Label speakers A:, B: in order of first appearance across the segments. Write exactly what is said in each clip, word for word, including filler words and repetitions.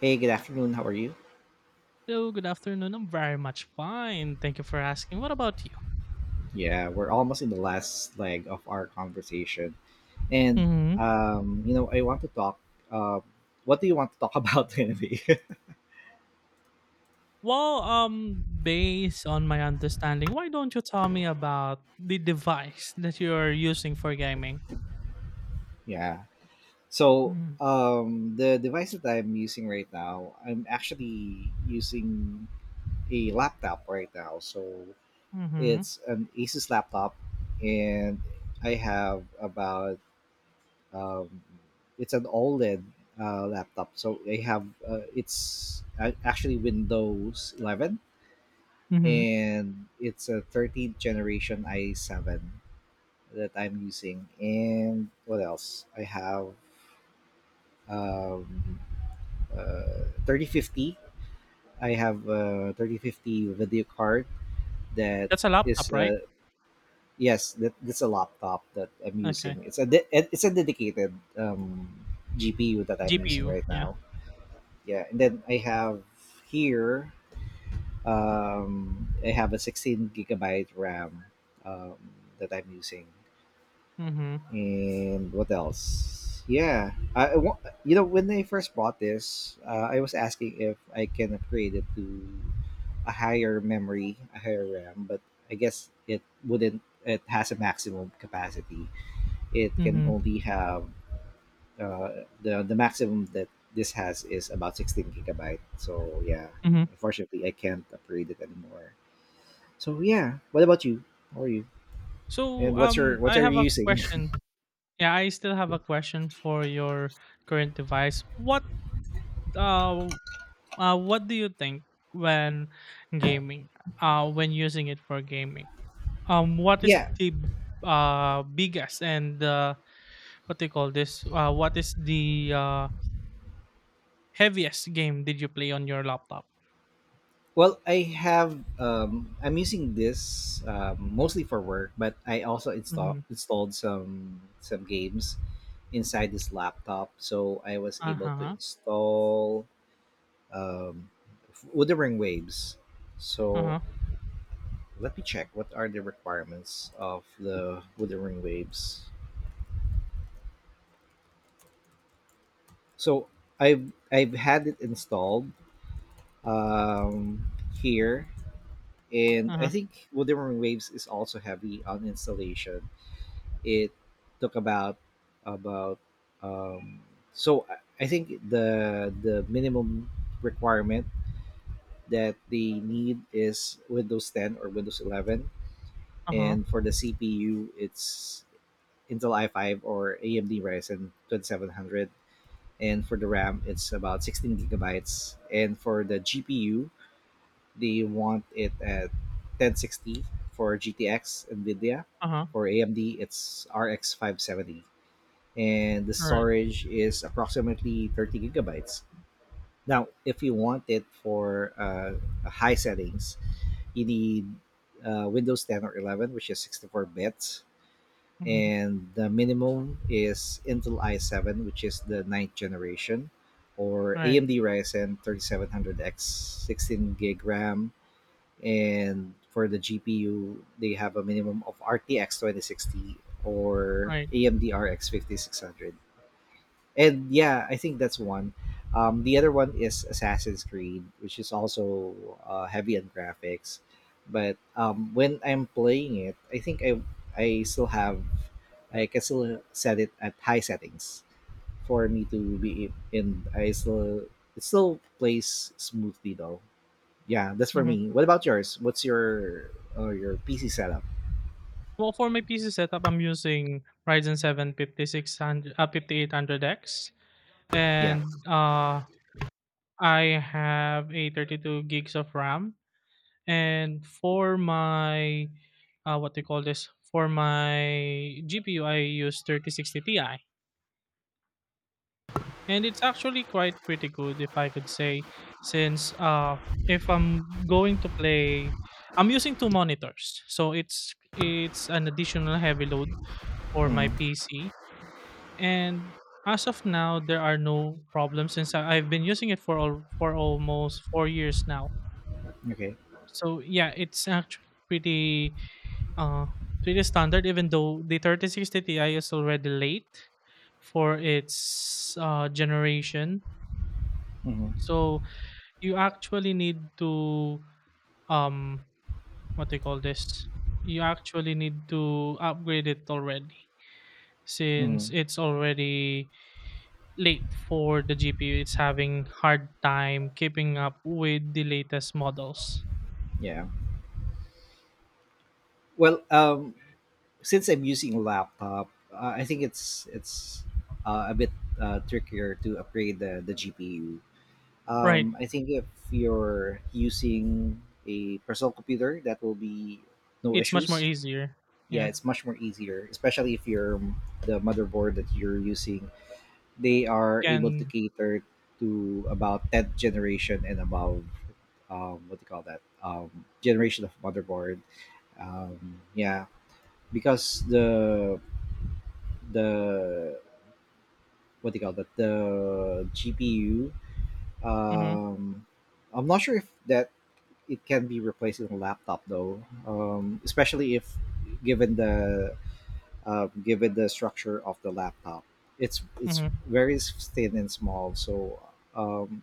A: Hey, good afternoon. How are you?
B: Hello, good afternoon. I'm very much fine. Thank you for asking. What about you?
A: Yeah, we're almost in the last leg of our conversation. And
B: hmm
A: um, you know, I want to talk uh, what do you want to talk about anyway?
B: Well, um, based on my understanding, why don't you tell me about the device that you're using for gaming?
A: Yeah. So,
B: Mm-hmm.
A: um the device that I'm using right now, I'm actually using a laptop right now. So, it's an Asus laptop, and I have about, um, it's an OLED uh, laptop. So they have uh, it's a- actually Windows eleven,
B: Mm-hmm.
A: and it's a thirteenth generation i seven that I'm using. And what else? I have um, uh, thirty fifty. I have a thirty fifty video card that
B: That's a
A: is
B: laptop, right?
A: uh, yes, that that's a laptop that I'm
B: Okay.
A: using. It's a de- it's a dedicated um, G P U that I'm using
B: G P U.
A: right
B: Yeah.
A: now. Yeah. And then I have here, um I have a sixteen gigabyte RAM um that I'm using.
B: Mm-hmm.
A: And what else? Yeah, I, I wa- you know when I first bought this, uh, I was asking if I can upgrade it to a higher memory, a higher RAM, but I guess it wouldn't, it has a maximum capacity. It can
B: Mm-hmm.
A: only have, uh, the the maximum that this has is about sixteen gigabyte. So yeah,
B: Mm-hmm.
A: unfortunately, I can't upgrade it anymore. So yeah, what about you? How are you? And
B: So,
A: what's your
B: um,
A: what
B: I
A: are
B: have
A: you
B: a
A: using?
B: question. Yeah, I still have a question for your current device. What uh Uh, what do you think when gaming? Uh, when using it for gaming, um, what is
A: Yeah.
B: the uh biggest and uh, what do you call this? Uh, what is the uh heaviest game did you play on your laptop?
A: Well, I have um, I'm using this um, mostly for work, but I also install,
B: Mm-hmm.
A: installed some some games inside this laptop, so I was
B: Uh
A: able to
B: huh.
A: install um, Wuthering Waves.
B: Uh
A: So
B: huh.
A: let me check what are the requirements of the Wuthering Waves. So I've I've had it installed um, here, and
B: Uh
A: I
B: huh.
A: think Wuthering Waves is also heavy on installation. It took about about um, so I- I think the the minimum requirement that they need is Windows ten or Windows eleven,
B: Uh huh.
A: and for the C P U, it's Intel i five or A M D Ryzen twenty seven hundred. And for the RAM, it's about sixteen gigabytes. And for the G P U, they want it at ten sixty for GTX NVIDIA.
B: Uh huh.
A: For AMD, it's RX five seventy. And the
B: Right.
A: storage is approximately thirty gigabytes. Now, if you want it for uh, high settings, you need uh, Windows ten or eleven, which is sixty-four bits,
B: Mm-hmm.
A: and the minimum is Intel i seven, which is the ninth generation, or
B: Right.
A: A M D Ryzen three thousand seven hundred X, sixteen gig RAM, and for the G P U, they have a minimum of RTX twenty sixty or
B: Right.
A: A M D R X fifty-six hundred. And yeah, I think that's one. Um, the other one is Assassin's Creed, which is also uh, heavy on graphics. But um, when I'm playing it, I think I I still have, I can still set it at high settings for me to be in. I still, it still plays smoothly though. Yeah, that's for
B: Mm-hmm.
A: me. What about yours? What's your uh, your P C setup?
B: Well, for my P C setup, I'm using Ryzen seven fifty-six hundred, uh, fifty-eight hundred X
A: Yeah.
B: and uh I have a thirty-two gigs of RAM, and for my uh, what do you call this? For my G P U, I use thirty sixty Ti, and it's actually quite pretty good, if I could say, since uh, if I'm going to play, I'm using two monitors, so it's it's an additional heavy load for my
A: Hmm.
B: P C, and as of now, there are no problems since I- I've been using it for all, for almost four years now.
A: Okay.
B: So yeah, it's actually pretty uh pretty standard even though the thirty sixty Ti is already late for its uh generation.
A: Hmm.
B: So you actually need to um what do you call this? You actually need to upgrade it already
A: Hmm.
B: since it's already late for the G P U. It's having hard time keeping up with the latest models.
A: Yeah. Well, um, since I'm using laptop, uh, I think it's it's uh, a bit uh, trickier to upgrade the the G P U.
B: Right.
A: Um, I think if you're using a personal computer, that will be no
B: It's much more
A: issues.
B: easier.
A: Yeah,
B: Yeah.
A: it's much more easier, especially if you're um, the motherboard that you're using. They are able to
B: Can
A: cater to about tenth generation and above. Um, what do you call that? Um, generation of motherboard. Um, yeah, because the the what do you call that, the G P U.
B: Mhm.
A: Um, I'm not sure if that it can be replaced in a laptop though, um, especially if given the, uh, given the structure of the laptop. It's it's
B: Mhm.
A: very thin and small, so um,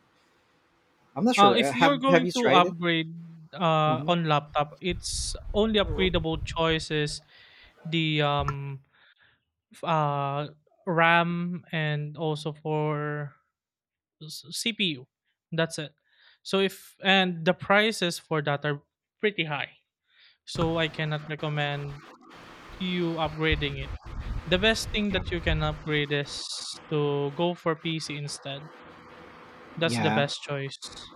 A: I'm not
B: Uh,
A: sure. Uh,
B: if
A: Have
B: you're
A: Have
B: going
A: you
B: to
A: tried it?
B: upgrade uh,
A: Hmm.
B: on laptop, it's only upgradable choices the um f- uh RAM and also for s- C P U. That's it. So if and the prices for that are pretty high. So I cannot recommend you upgrading it. The best thing that you can upgrade is to go for P C instead. That's the
A: Yeah,
B: best choice.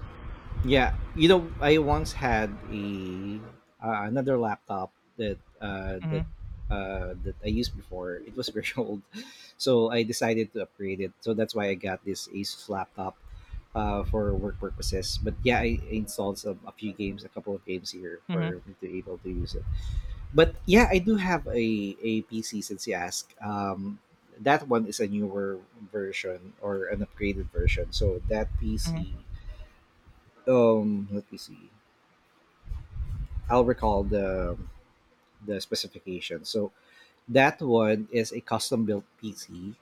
A: yeah, you know, I once had a uh, another laptop that uh, that
B: Mhm.
A: uh, that I used before. It was very old, so I decided to upgrade it. So that's why I got this Asus laptop uh, for work purposes. But yeah, I installed some, a few games, a couple of games here for
B: Mhm.
A: me to be able to use it. But yeah, I do have a, a P C, since you ask. Um, that one is a newer version or an upgraded version. So that
B: Mhm.
A: P C, um, let me see. I'll recall the the specification. So that one is a custom built P C,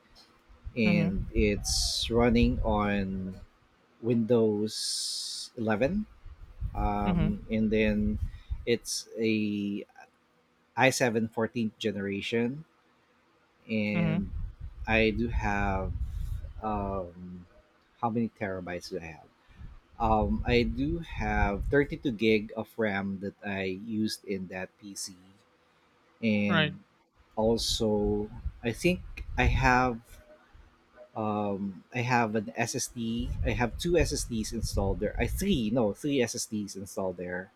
B: Mhm.
A: and it's running on Windows eleven.
B: Mhm.
A: Um, and then it's a I seven fourteenth generation,
B: Mhm.
A: and I do have, um, how many terabytes do I have? Um, I do have thirty-two gig of RAM that I used in that P C.
B: Right.
A: And also, I think I have, um I have an S S D. I have two S S Ds installed there. I, three, no, three S S Ds installed there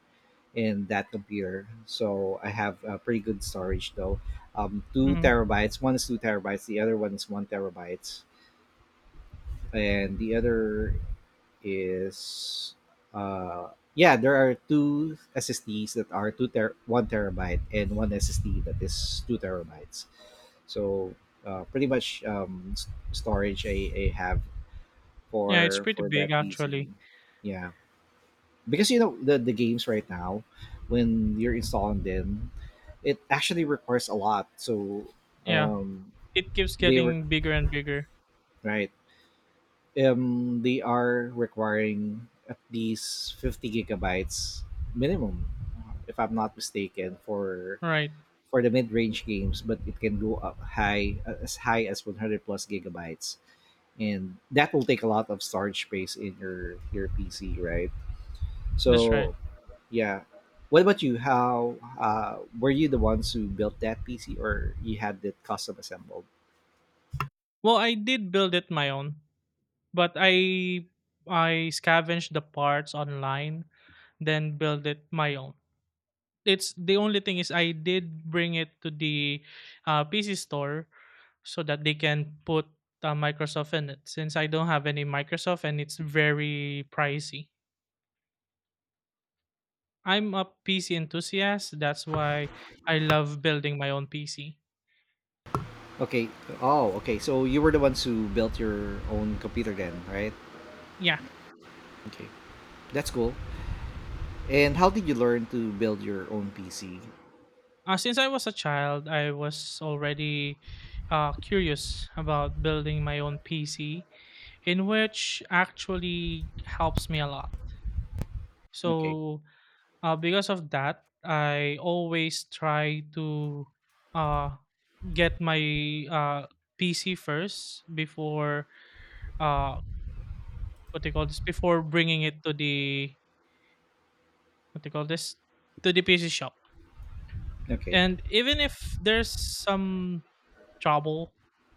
A: in that computer. So I have a pretty good storage though. Um, two
B: Mhm.
A: terabytes. One is two terabytes. The other one is one terabyte, and the other is uh yeah, there are two SSDs that are two ter- one terabyte, and one SSD that is two terabytes. So uh, pretty much um s- storage I, I have
B: Yeah, it's
A: for
B: pretty
A: for
B: big
A: that
B: actually.
A: PC. Yeah, because you know the, the games right now, when you're installing them, it actually requires a lot. So
B: Yeah.
A: um
B: It keeps
A: they were
B: getting bigger and bigger.
A: right. um, they are requiring at least fifty gigabytes minimum, if I'm not mistaken, for
B: Right.
A: for the mid-range games, but it can go up high uh, as high as a hundred plus gigabytes, and that will take a lot of storage space in your your PC, right?
B: That's right.
A: So yeah. What about you? How uh, were you the ones who built that PC, or you had it custom assembled?
B: Well, I did build it my own, but I I scavenged the parts online, then build it my own. It's the only thing is I did bring it to the uh, P C store so that they can put uh, Microsoft in it since I don't have any Microsoft and it's very pricey. I'm a P C enthusiast. That's why I love building my own P C.
A: Okay. Oh, okay, so you were the ones who built your own computer then, right?
B: Yeah.
A: Okay, that's cool. And how did you learn to build your own P C?
B: Uh, since I was a child, I was already uh, curious about building my own P C, in which actually helps me a lot.
A: Okay,
B: So, uh, because of that, I always try to uh, get my uh, P C first before uh, what they call this before bringing it to the what they call this to the P C shop,
A: okay.
B: and even if there's some trouble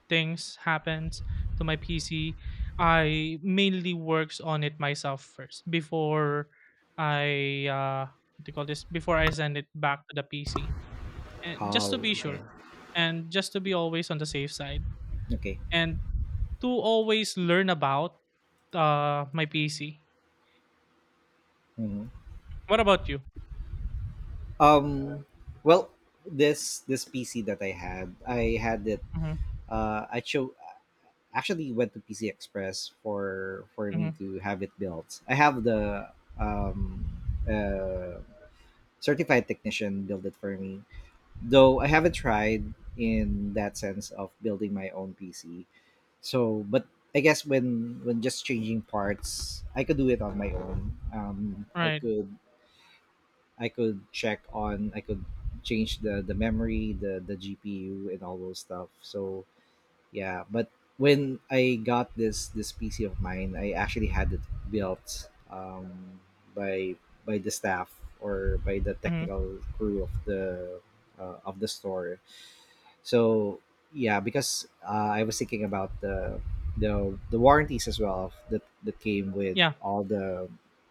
B: things happens to my PC. I mainly works on it myself first before I uh what do you call this before I send it back to the PC, and just
A: How?
B: to be
A: Okay,
B: sure, and just to be always on the safe side,
A: okay.
B: and to always learn about uh my PC.
A: Mhm.
B: What about you?
A: Um, well, this this P C that I had, I had it.
B: Hmm.
A: Uh, I chose, actually went to P C Express for for me
B: Hmm.
A: to have it built. I have the, um uh certified technician build it for me. Though I haven't tried in that sense of building my own P C. So, but I guess when when just changing parts, I could do it on my own. Um, I
B: Right.
A: could, I could check on, I could change the the memory, the the G P U, and all those stuff. So yeah, but when I got this this P C of mine, I actually had it built um, by by the staff, or by the
B: Hmm.
A: technical crew of the, uh, of the store. So yeah, because uh, I was thinking about the the the warranties as well, of that that came with
B: Yeah.
A: all the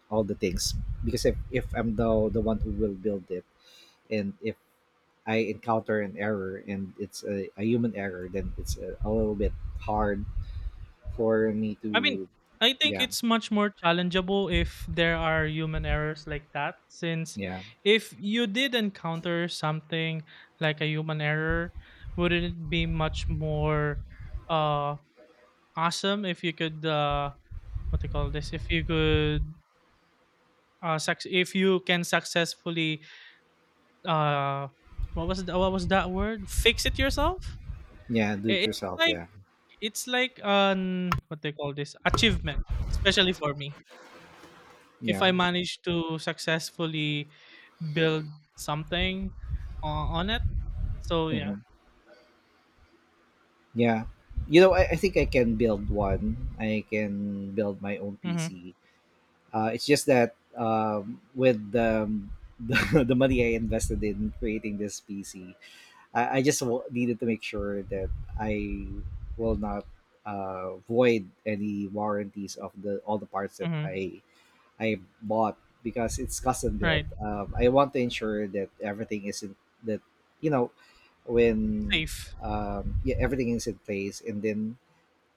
A: all the things. Because if, if I'm the the one who will build it, and if I encounter an error, and it's a, a human error, then it's a, a little bit hard for me
B: I mean,
A: to.
B: I think
A: Yeah.
B: it's much more challengeable if there are human errors like that. Since
A: Yeah.
B: if you did encounter something like a human error, wouldn't it be much more uh awesome if you could uh what they call this? If you could uh suc- if you can successfully uh what was the, what was that word? Fix it yourself?
A: Yeah, do it
B: I- It's
A: yourself,
B: like
A: yeah.
B: it's like an what they call this achievement, especially for me. If
A: Yeah.
B: I manage to successfully build something o- on it. So yeah.
A: Mhm. Yeah, you know, I, I think I can build one, I can build my own
B: Mm-hmm.
A: PC. Uh, it's just that um, with um, the, the money I invested in creating this P C, I, I just w- needed to make sure that I will not uh, void any warranties of the all the parts that
B: Mm-hmm.
A: I I bought because it's custom built.
B: Right.
A: Um, I want to ensure that everything is in, that you know when,
B: Safe.
A: um, yeah, everything is in place. And then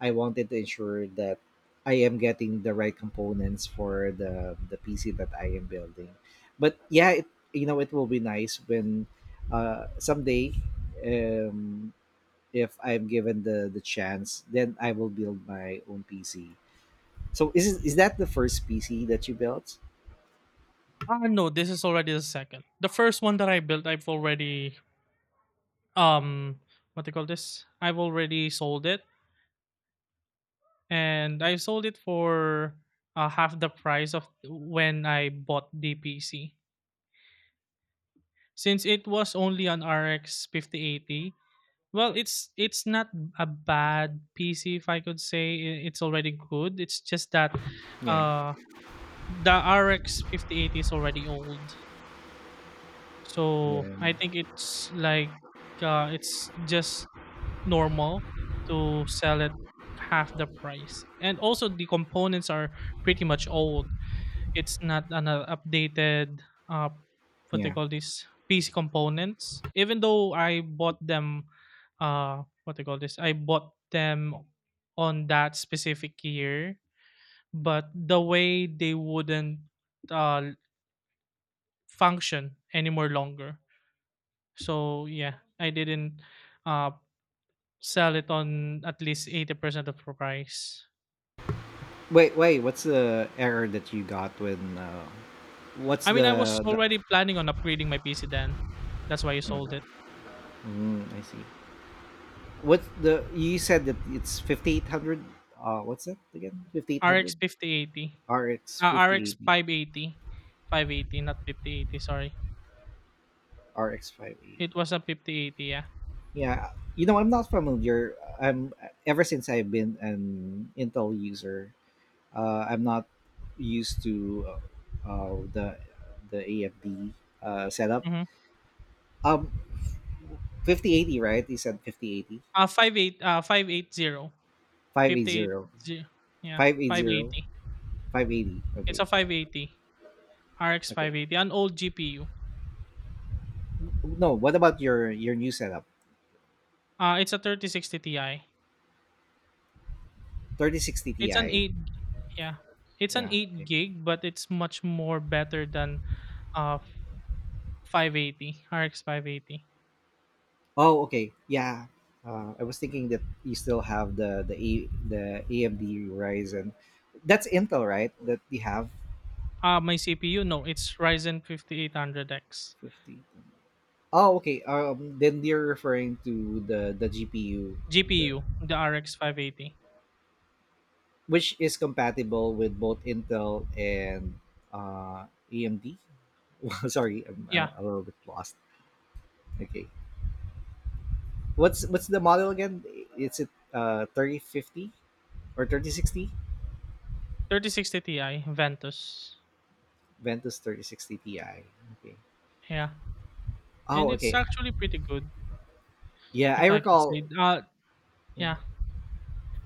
A: I wanted to ensure that I am getting the right components for the the P C that I am building. But yeah, it, you know, it will be nice when, uh, someday, um, if I'm given the the chance, then I will build my own P C. So is is that the first P C that you built?
B: Ah, no, this is already the second. The first one that I built, I've already um what do you call this? I've already sold it, and I sold it for uh, half the price of when I bought the P C. Since it was only an R X fifty eighty, well, it's it's not a bad P C if I could say. I- it's already good. It's just that
A: Yeah,
B: uh the R X fifty eighty is already old.
A: yeah,
B: So I think it's like uh it's just normal to sell it half the price. And also the components are pretty much old. It's not an uh, updated, uh, what they
A: yeah.
B: call these P C components. Even though I bought them, uh, what they call this, I bought them on that specific year, but the way they wouldn't uh, function anymore longer. So yeah, I didn't uh, sell it on at least eighty percent of the price.
A: Wait, wait. What's the error that you got when? Uh, what's
B: I mean, I was
A: the the?
B: already planning on upgrading my P C then. That's why you
A: Mm,
B: sold it.
A: mm, I see. What's the you said that it's fifty-eight hundred, uh what's that again?
B: R X
A: fifty-eight hundred
B: fifty eighty.
A: R X
B: Ah, R X
A: fifty eighty
B: five eighty. five eighty, not fifty eighty, sorry.
A: R X five eighty.
B: It was a fifty eighty, yeah.
A: Yeah, you know, I'm not familiar. I'm, ever since I've been an Intel user, uh, I'm not used to uh, uh, the the A F D uh, setup.
B: Mhm.
A: Um fifty eighty, right? You said fifty eighty,
B: five eight uh five eighty.
A: five eight
B: five eighty,
A: zero,
B: yeah,
A: five eight zero,
B: five eighty.
A: five eighty.
B: It's a five eighty. R X
A: Okay.
B: five eighty, an old G P U.
A: Okay. No, what about your your new setup?
B: Ah, it's a thirty sixty Ti.
A: thirty sixty
B: It's an
A: Ti.
B: eight, yeah. It's an
A: Yeah.
B: eight
A: Okay.
B: gig, but it's much more better than uh five eighty, R X five eighty.
A: Oh, okay. Yeah. Uh, I was thinking that you still have the the A, the A M D Ryzen. That's Intel, right? That you have
B: Ah, my C P U, no, it's Ryzen fifty-eight hundred X.
A: fifty. Oh, okay. Um, then you're referring to the the G P U, the,
B: G P U, the R X five eighty.
A: which is compatible with both Intel and uh, A M D. Well, sorry, I'm uh,
B: Yeah,
A: a little bit lost. Okay. What's what's the model again? Is it uh thirty fifty or thirty sixty?
B: thirty sixty Ti Ventus.
A: Ventus thirty sixty Ti. Okay.
B: Yeah, and
A: Oh,
B: it's
A: okay.
B: actually pretty good
A: Yeah, I
B: if I could
A: recall.
B: say. Uh, yeah,
A: Mhm.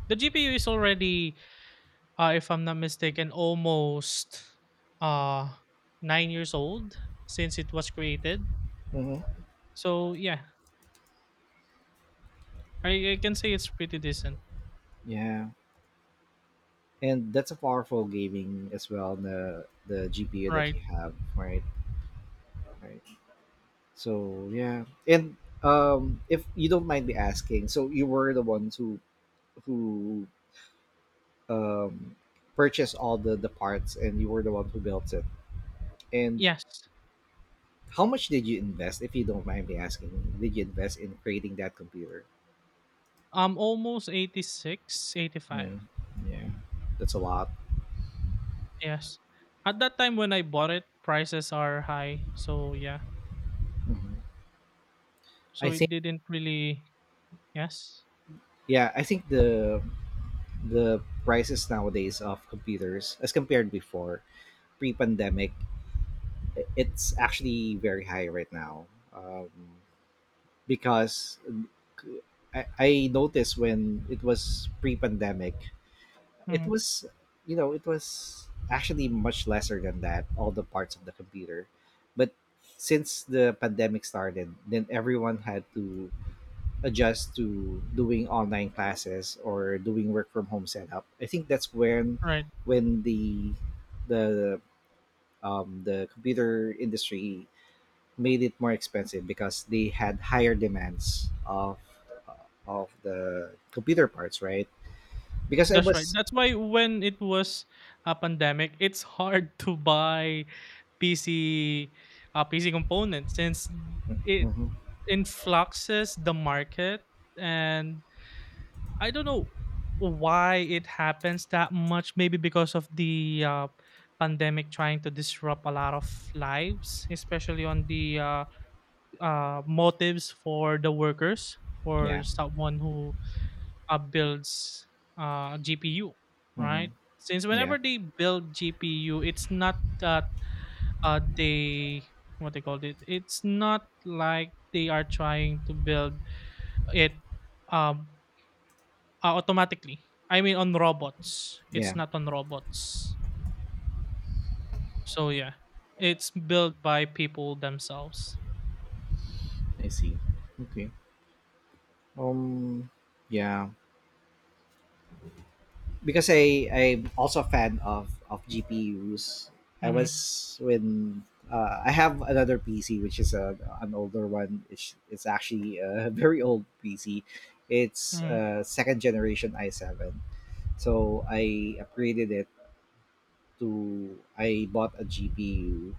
B: the G P U is already, uh, if I'm not mistaken, almost uh nine years old since it was created.
A: Hmm.
B: So yeah, I, I can say it's pretty decent,
A: Yeah, and that's a powerful gaming as well. The the G P U that
B: right?
A: you have, right? Right. So yeah, and um, if you don't mind me asking, so you were the ones who who um purchased all the the parts, and you were the one who built it. And
B: Yes,
A: how much did you invest, if you don't mind me asking? Did you invest in creating that computer?
B: um, almost eighty-six, eighty-five.
A: Mm, yeah, that's a lot.
B: Yes, at that time when I bought it, prices are high. So yeah.
A: Mhm. I
B: So it
A: think
B: didn't really yes.
A: yeah, I think the the prices nowadays of computers as compared before pre-pandemic, i- it's actually very high right now. Um, because I, I noticed when it was pre-pandemic, it
B: Mhm.
A: was you know it was actually much lesser than that all the parts of the computer, but since the pandemic started, then everyone had to adjust to doing online classes or doing work from home setup. I think that's when
B: Right.
A: when the the um, the computer industry made it more expensive because they had higher demands of of the computer parts, right? Because I
B: That's right.
A: was,
B: That's why when it was a pandemic, it's hard to buy P C uh, P C components since it
A: Mhm.
B: influxes the market, and I don't know why it happens that much, maybe because of the uh, pandemic trying to disrupt a lot of lives, especially on the uh, uh, motives for the workers,
A: Yeah,
B: for someone who uh, builds uh, G P U,
A: hmm,
B: right? Since
A: yeah,
B: whenever they build G P U, it's not that uh, they what they called it. It's not like they are trying to build it um, uh, automatically. I mean, on robots. It's
A: yeah.
B: not on robots. So yeah, it's built by people themselves.
A: I see. Okay. Um. Yeah. Because I I'm also a fan of of G P Us. I
B: Mm-hmm.
A: was when uh, I have another P C which is a, an older one. It's it's actually a very old P C. It's
B: Mm-hmm.
A: uh, second generation i seven. So I upgraded it to I bought a G P U.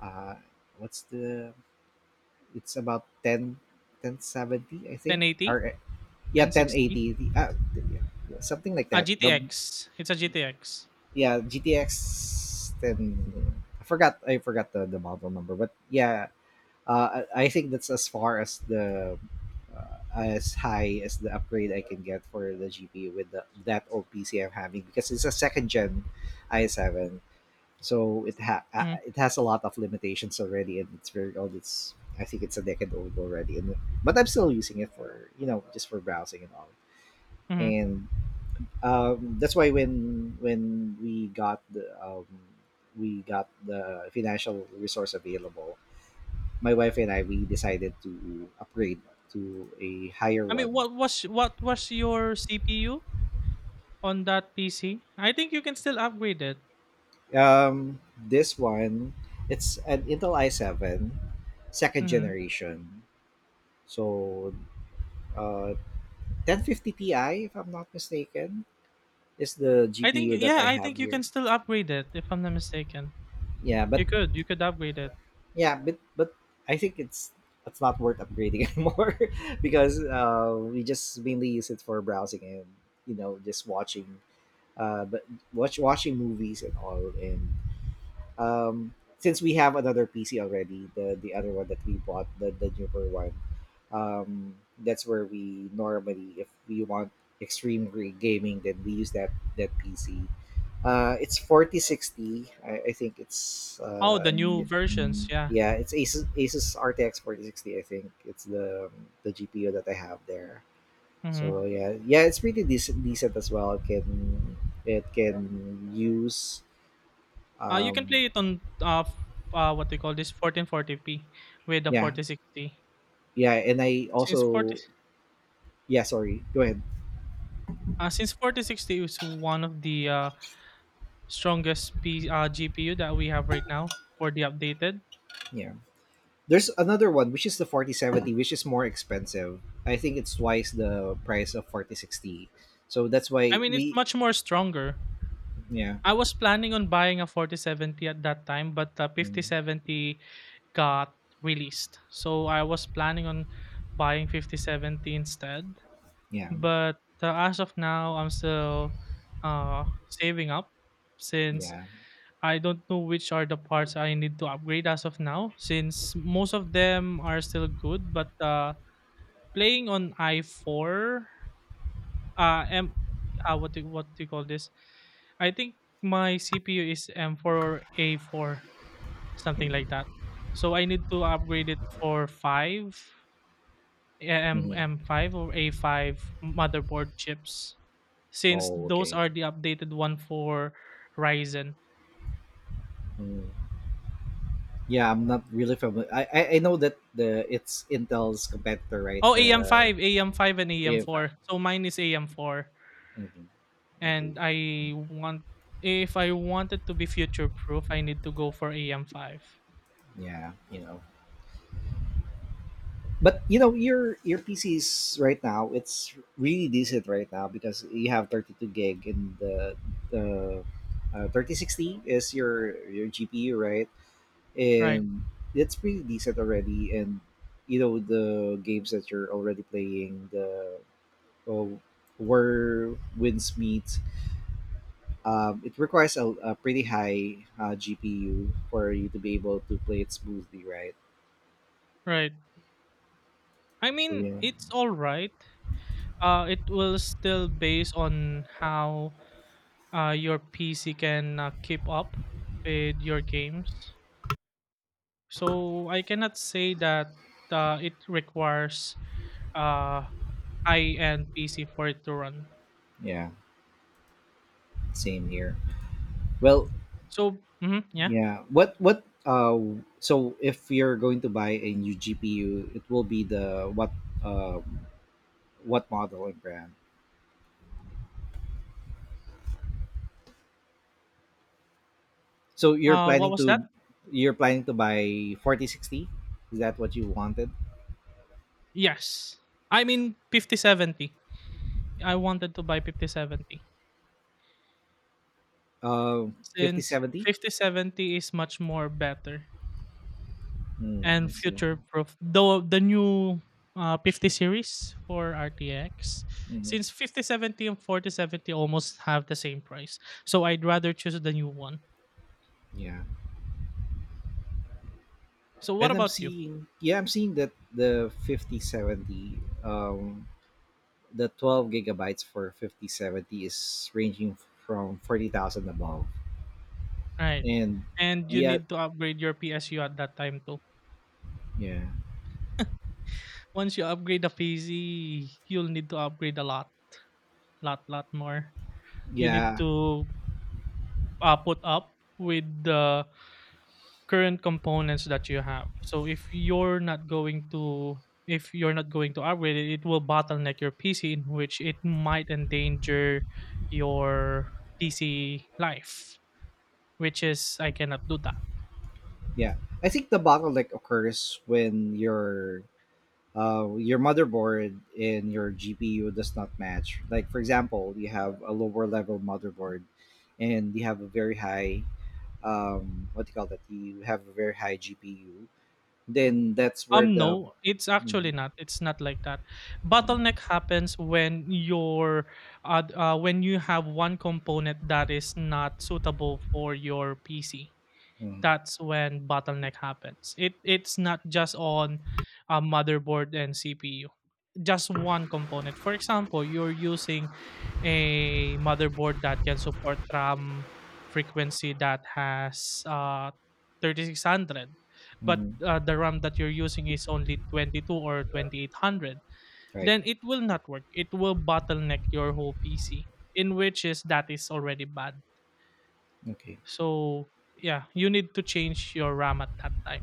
A: Uh, what's the? It's about ten ten seventy I think.
B: ten eighty,
A: Or yeah, ten
B: ten sixty.
A: eighty, uh, something like
B: A
A: that. The
B: G T X. It's a G T X.
A: Yeah, G T X ten. I forgot. I forgot the, the model number, but yeah, uh, I I think that's as far as the uh, as high as the upgrade I can get for the G P U with the, that old P C I'm having because it's a second gen i seven, so it ha- uh,
B: Mm-hmm.
A: it has a lot of limitations already, and it's very old. It's I think it's a decade old already, and but I'm still using it for you know just for browsing and all.
B: Mm-hmm.
A: And um, that's why when when we got the um, we got the financial resource available, my wife and I we decided to upgrade to a higher
B: I mean,
A: one.
B: what was what was your C P U on that P C? I think you can still upgrade it.
A: Um, this one it's an Intel i seven second
B: Mhm.
A: generation. So uh, ten fifty Ti if I'm not mistaken is the
B: I think,
A: G P U that
B: yeah,
A: I
B: I
A: have
B: think you can
A: here.
B: still upgrade it if I'm not mistaken.
A: Yeah, but
B: You could you could upgrade it.
A: Yeah, but but I think it's it's not worth upgrading anymore because uh, we just mainly use it for browsing and you know just watching, uh, but watch watching movies and all, and um, since we have another P C already, the the other one that we bought, the the newer one, um, that's where we normally, if we want extreme re- gaming, then we use that that P C. Uh, it's forty sixty. I, I think it's
B: Oh, the
A: uh,
B: new
A: it,
B: versions, yeah.
A: yeah, it's Asus Asus R T X forty sixty. I think it's the the G P U that I have there. So
B: Mhm.
A: yeah, yeah, it's pretty decent decent as well. It can it can use
B: Uh, you can
A: um.
B: play it on uh, f- uh what they call this fourteen forty p with the
A: Yeah,
B: forty sixty.
A: yeah. And I
B: Since 40
A: also. Yeah, sorry, go ahead.
B: uh, since forty sixty is one of the uh, strongest P, uh, G P U that we have right now for the updated.
A: Yeah, there's another one which is the forty seventy, which is more expensive. I think it's twice the price of forty sixty, so that's
B: I
A: why
B: mean, it's
A: we.
B: much more stronger.
A: Yeah.
B: I was planning on buying a forty seventy at that time, but the
A: Mm,
B: fifty seventy got released. So I was planning on buying fifty seventy instead.
A: yeah,
B: But uh, as of now, I'm still uh, saving up since
A: yeah.
B: I don't know which are the parts I need to upgrade as of now, since most of them are still good. But uh, playing on i four, uh, M, uh, what, do, what do you call this? I think my C P U is M four or A four, something like
A: Mm-hmm.
B: that. So I need to upgrade it for five M
A: Mm-hmm.
B: M5 or A five motherboard chips, since
A: Oh,
B: those
A: okay.
B: are the updated one for Ryzen.
A: Mm. Yeah, I'm not really familiar. I, I i know that the it's Intel's competitor, right?
B: Oh,
A: The.
B: A M five, A M five, and
A: Yeah, okay.
B: A M four. So mine is A M four,
A: Okay.
B: and I want, if I wanted to be future proof, I need to go for A M five.
A: Yeah, you know. But you know your your P C is right now, it's really decent right now, because you have thirty-two gig and the the uh, thirty sixty is your your G P U, right?
B: Right,
A: And it's pretty decent already, and you know the games that you're already playing, the oh, Where Winds Meet, um, it requires a, a pretty high uh, G P U for you to be able to play it smoothly, right?
B: right. I
A: So
B: mean,
A: yeah.
B: it's all right. Uh, it will still based on how uh, your P C can uh, keep up with your games. So I cannot say that uh, it requires uh, high end P C for it to run.
A: Yeah, same here. Well,
B: So mhm, yeah,
A: yeah. What what uh So if you're going to buy a new G P U, it will be the what uh what model and brand. So you're
B: uh, what
A: planning
B: was that?
A: to you're planning to buy forty sixty? Is that what you wanted?
B: Yes, I mean fifty seventy. I wanted to buy fifty seventy
A: Uh,
B: since
A: fifty seventy?
B: fifty seventy is much more better
A: Hmm. I
B: and
A: see.
B: future proof, though the new uh, fifty series for R T X,
A: Hmm.
B: since fifty seventy and forty seventy almost have the same price, so I'd rather choose the new one.
A: Yeah.
B: So what
A: And I'm
B: about you?
A: seeing yeah, I'm seeing that the fifty seventy um the twelve gigabytes for fifty seventy is ranging from forty thousand above.
B: Right.
A: And
B: And you
A: the uh,
B: need to upgrade your P S U at that time too.
A: yeah.
B: Once you upgrade the P C, you'll need to upgrade a lot lot lot more. You need
A: Yeah,
B: to uh, put up with the current components that you have. So if you're not going to if you're not going to upgrade it, it will bottleneck your P C, in which it might endanger your P C life, which is I cannot do that.
A: yeah. I think the bottleneck occurs when your uh, your motherboard and your G P U does not match. Like for example, you have a lower level motherboard, and you have a very high um, what do you call that? You have a very high G P U. Then that's where
B: Um,
A: the
B: no, it's
A: mm,
B: actually not. It's not like that.
A: mm,
B: Bottleneck happens when your uh, d- uh when you have one component that is not suitable for your P C.
A: mm,
B: That's when bottleneck happens. It it's not just on a motherboard and C P U, just one component. For example, you're using a motherboard that can support RAM frequency that has uh, thirty-six hundred, but
A: mm.
B: uh, the RAM that you're using is only twenty-two or twenty-eight hundred,
A: Right.
B: then it will not work. It will bottleneck your whole P C, in which is that is already bad.
A: Okay.
B: So yeah, you need to change your RAM at that time.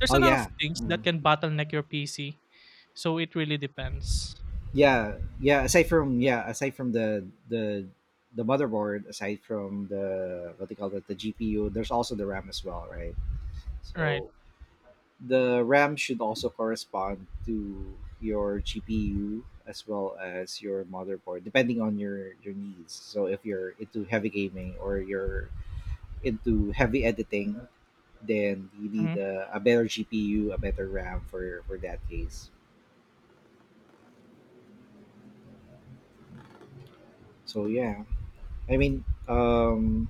B: There's
A: Oh
B: a lot of
A: yeah.
B: things that
A: Mm-hmm.
B: can bottleneck your P C, so it really depends.
A: Yeah, yeah. Aside from yeah, aside from the the the motherboard, aside from the what they call it, the G P U, there's also the RAM as well, right?
B: Right.
A: So the RAM should also correspond to your G P U as well as your motherboard, depending on your your needs. So if you're into heavy gaming or you're into heavy editing, then you
B: Mm-hmm.
A: need a, a better G P U, a better RAM for for that case. So yeah, I mean, um,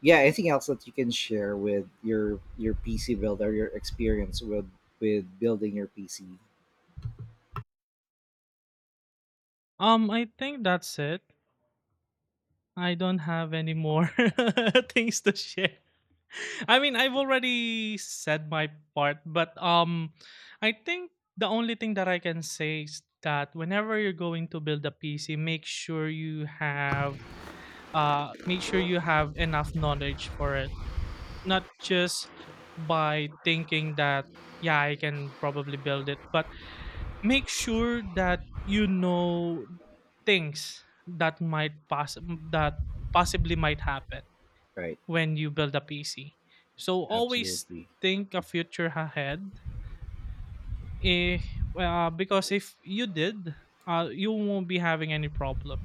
A: yeah, anything else that you can share with your your PC build or your experience with with building your PC?
B: Um, I think that's it. I don't have any more things to share. I mean, I've already said my part, but um, I think the only thing that I can say is that whenever you're going to build a P C, make sure you have uh, make sure you have enough knowledge for it. Not just by thinking that yeah, I can probably build it, but make sure that you know things that might pass that possibly might happen
A: Right.
B: when you build a P C. So always
A: Absolutely.
B: think a future ahead. If uh, because if you did, uh, you won't be having any problem.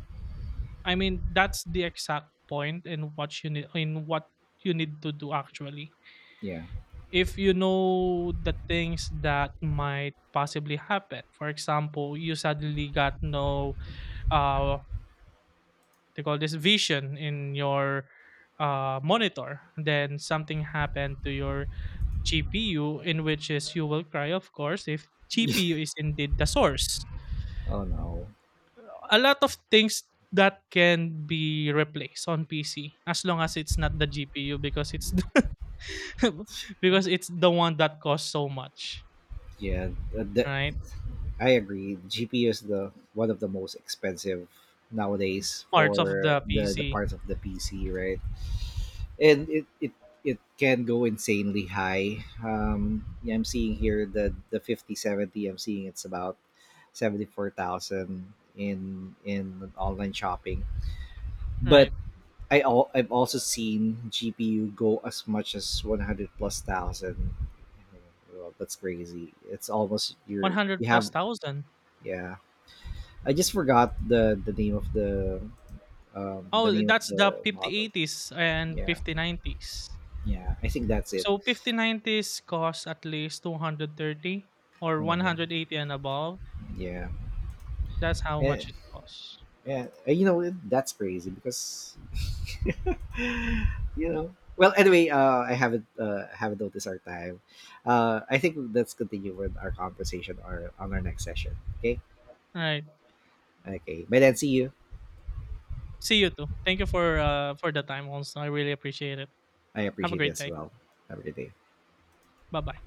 B: I mean, that's the exact point in what you need, in what you need to do actually.
A: Yeah.
B: If you know the things that might possibly happen, for example, you suddenly got no uh what they call this vision in your uh monitor, then something happened to your GPU, in which is you will cry of course if GPU is indeed the source.
A: Oh no.
B: A lot of things that can be replaced on PC, as long as it's not the GPU, because it's the because it's the one that costs so much,
A: Yeah. uh, the,
B: right?
A: I agree, GPU is the one of the most expensive nowadays
B: Parts of
A: for
B: the
A: the the
B: PC,
A: parts of the PC, right? And it it it can go insanely high. Um, yeah, I'm seeing here the the fifty seventy. I'm seeing it's about seventy-four thousand in in online shopping. But
B: right?
A: I al- I've also seen G P U go as much as one hundred plus thousand. Well, that's crazy. It's almost your
B: one hundred
A: you
B: plus
A: have
B: thousand.
A: Yeah. I just forgot the the name of the um the
B: Oh,
A: name of
B: that's the
A: the model.
B: fifty eighties and
A: Yeah.
B: fifty nineties.
A: Yeah. I think that's it.
B: So fifty nineties cost at least two hundred thirty or
A: Mhm.
B: one hundred eighty and above.
A: Yeah.
B: That's how
A: Yeah,
B: much it costs.
A: yeah. Uh, you know, that's crazy because, you know. Well, anyway, uh, I haven't uh, haven't noticed our time. Uh, I think let's continue with our conversation or on our next session. Okay.
B: All right.
A: Okay. But then, see you.
B: See you too. Thank you for uh for the time also. I really appreciate it.
A: I
B: Have a
A: appreciate it
B: great
A: as
B: day.
A: well. Have a good day.
B: Bye-bye.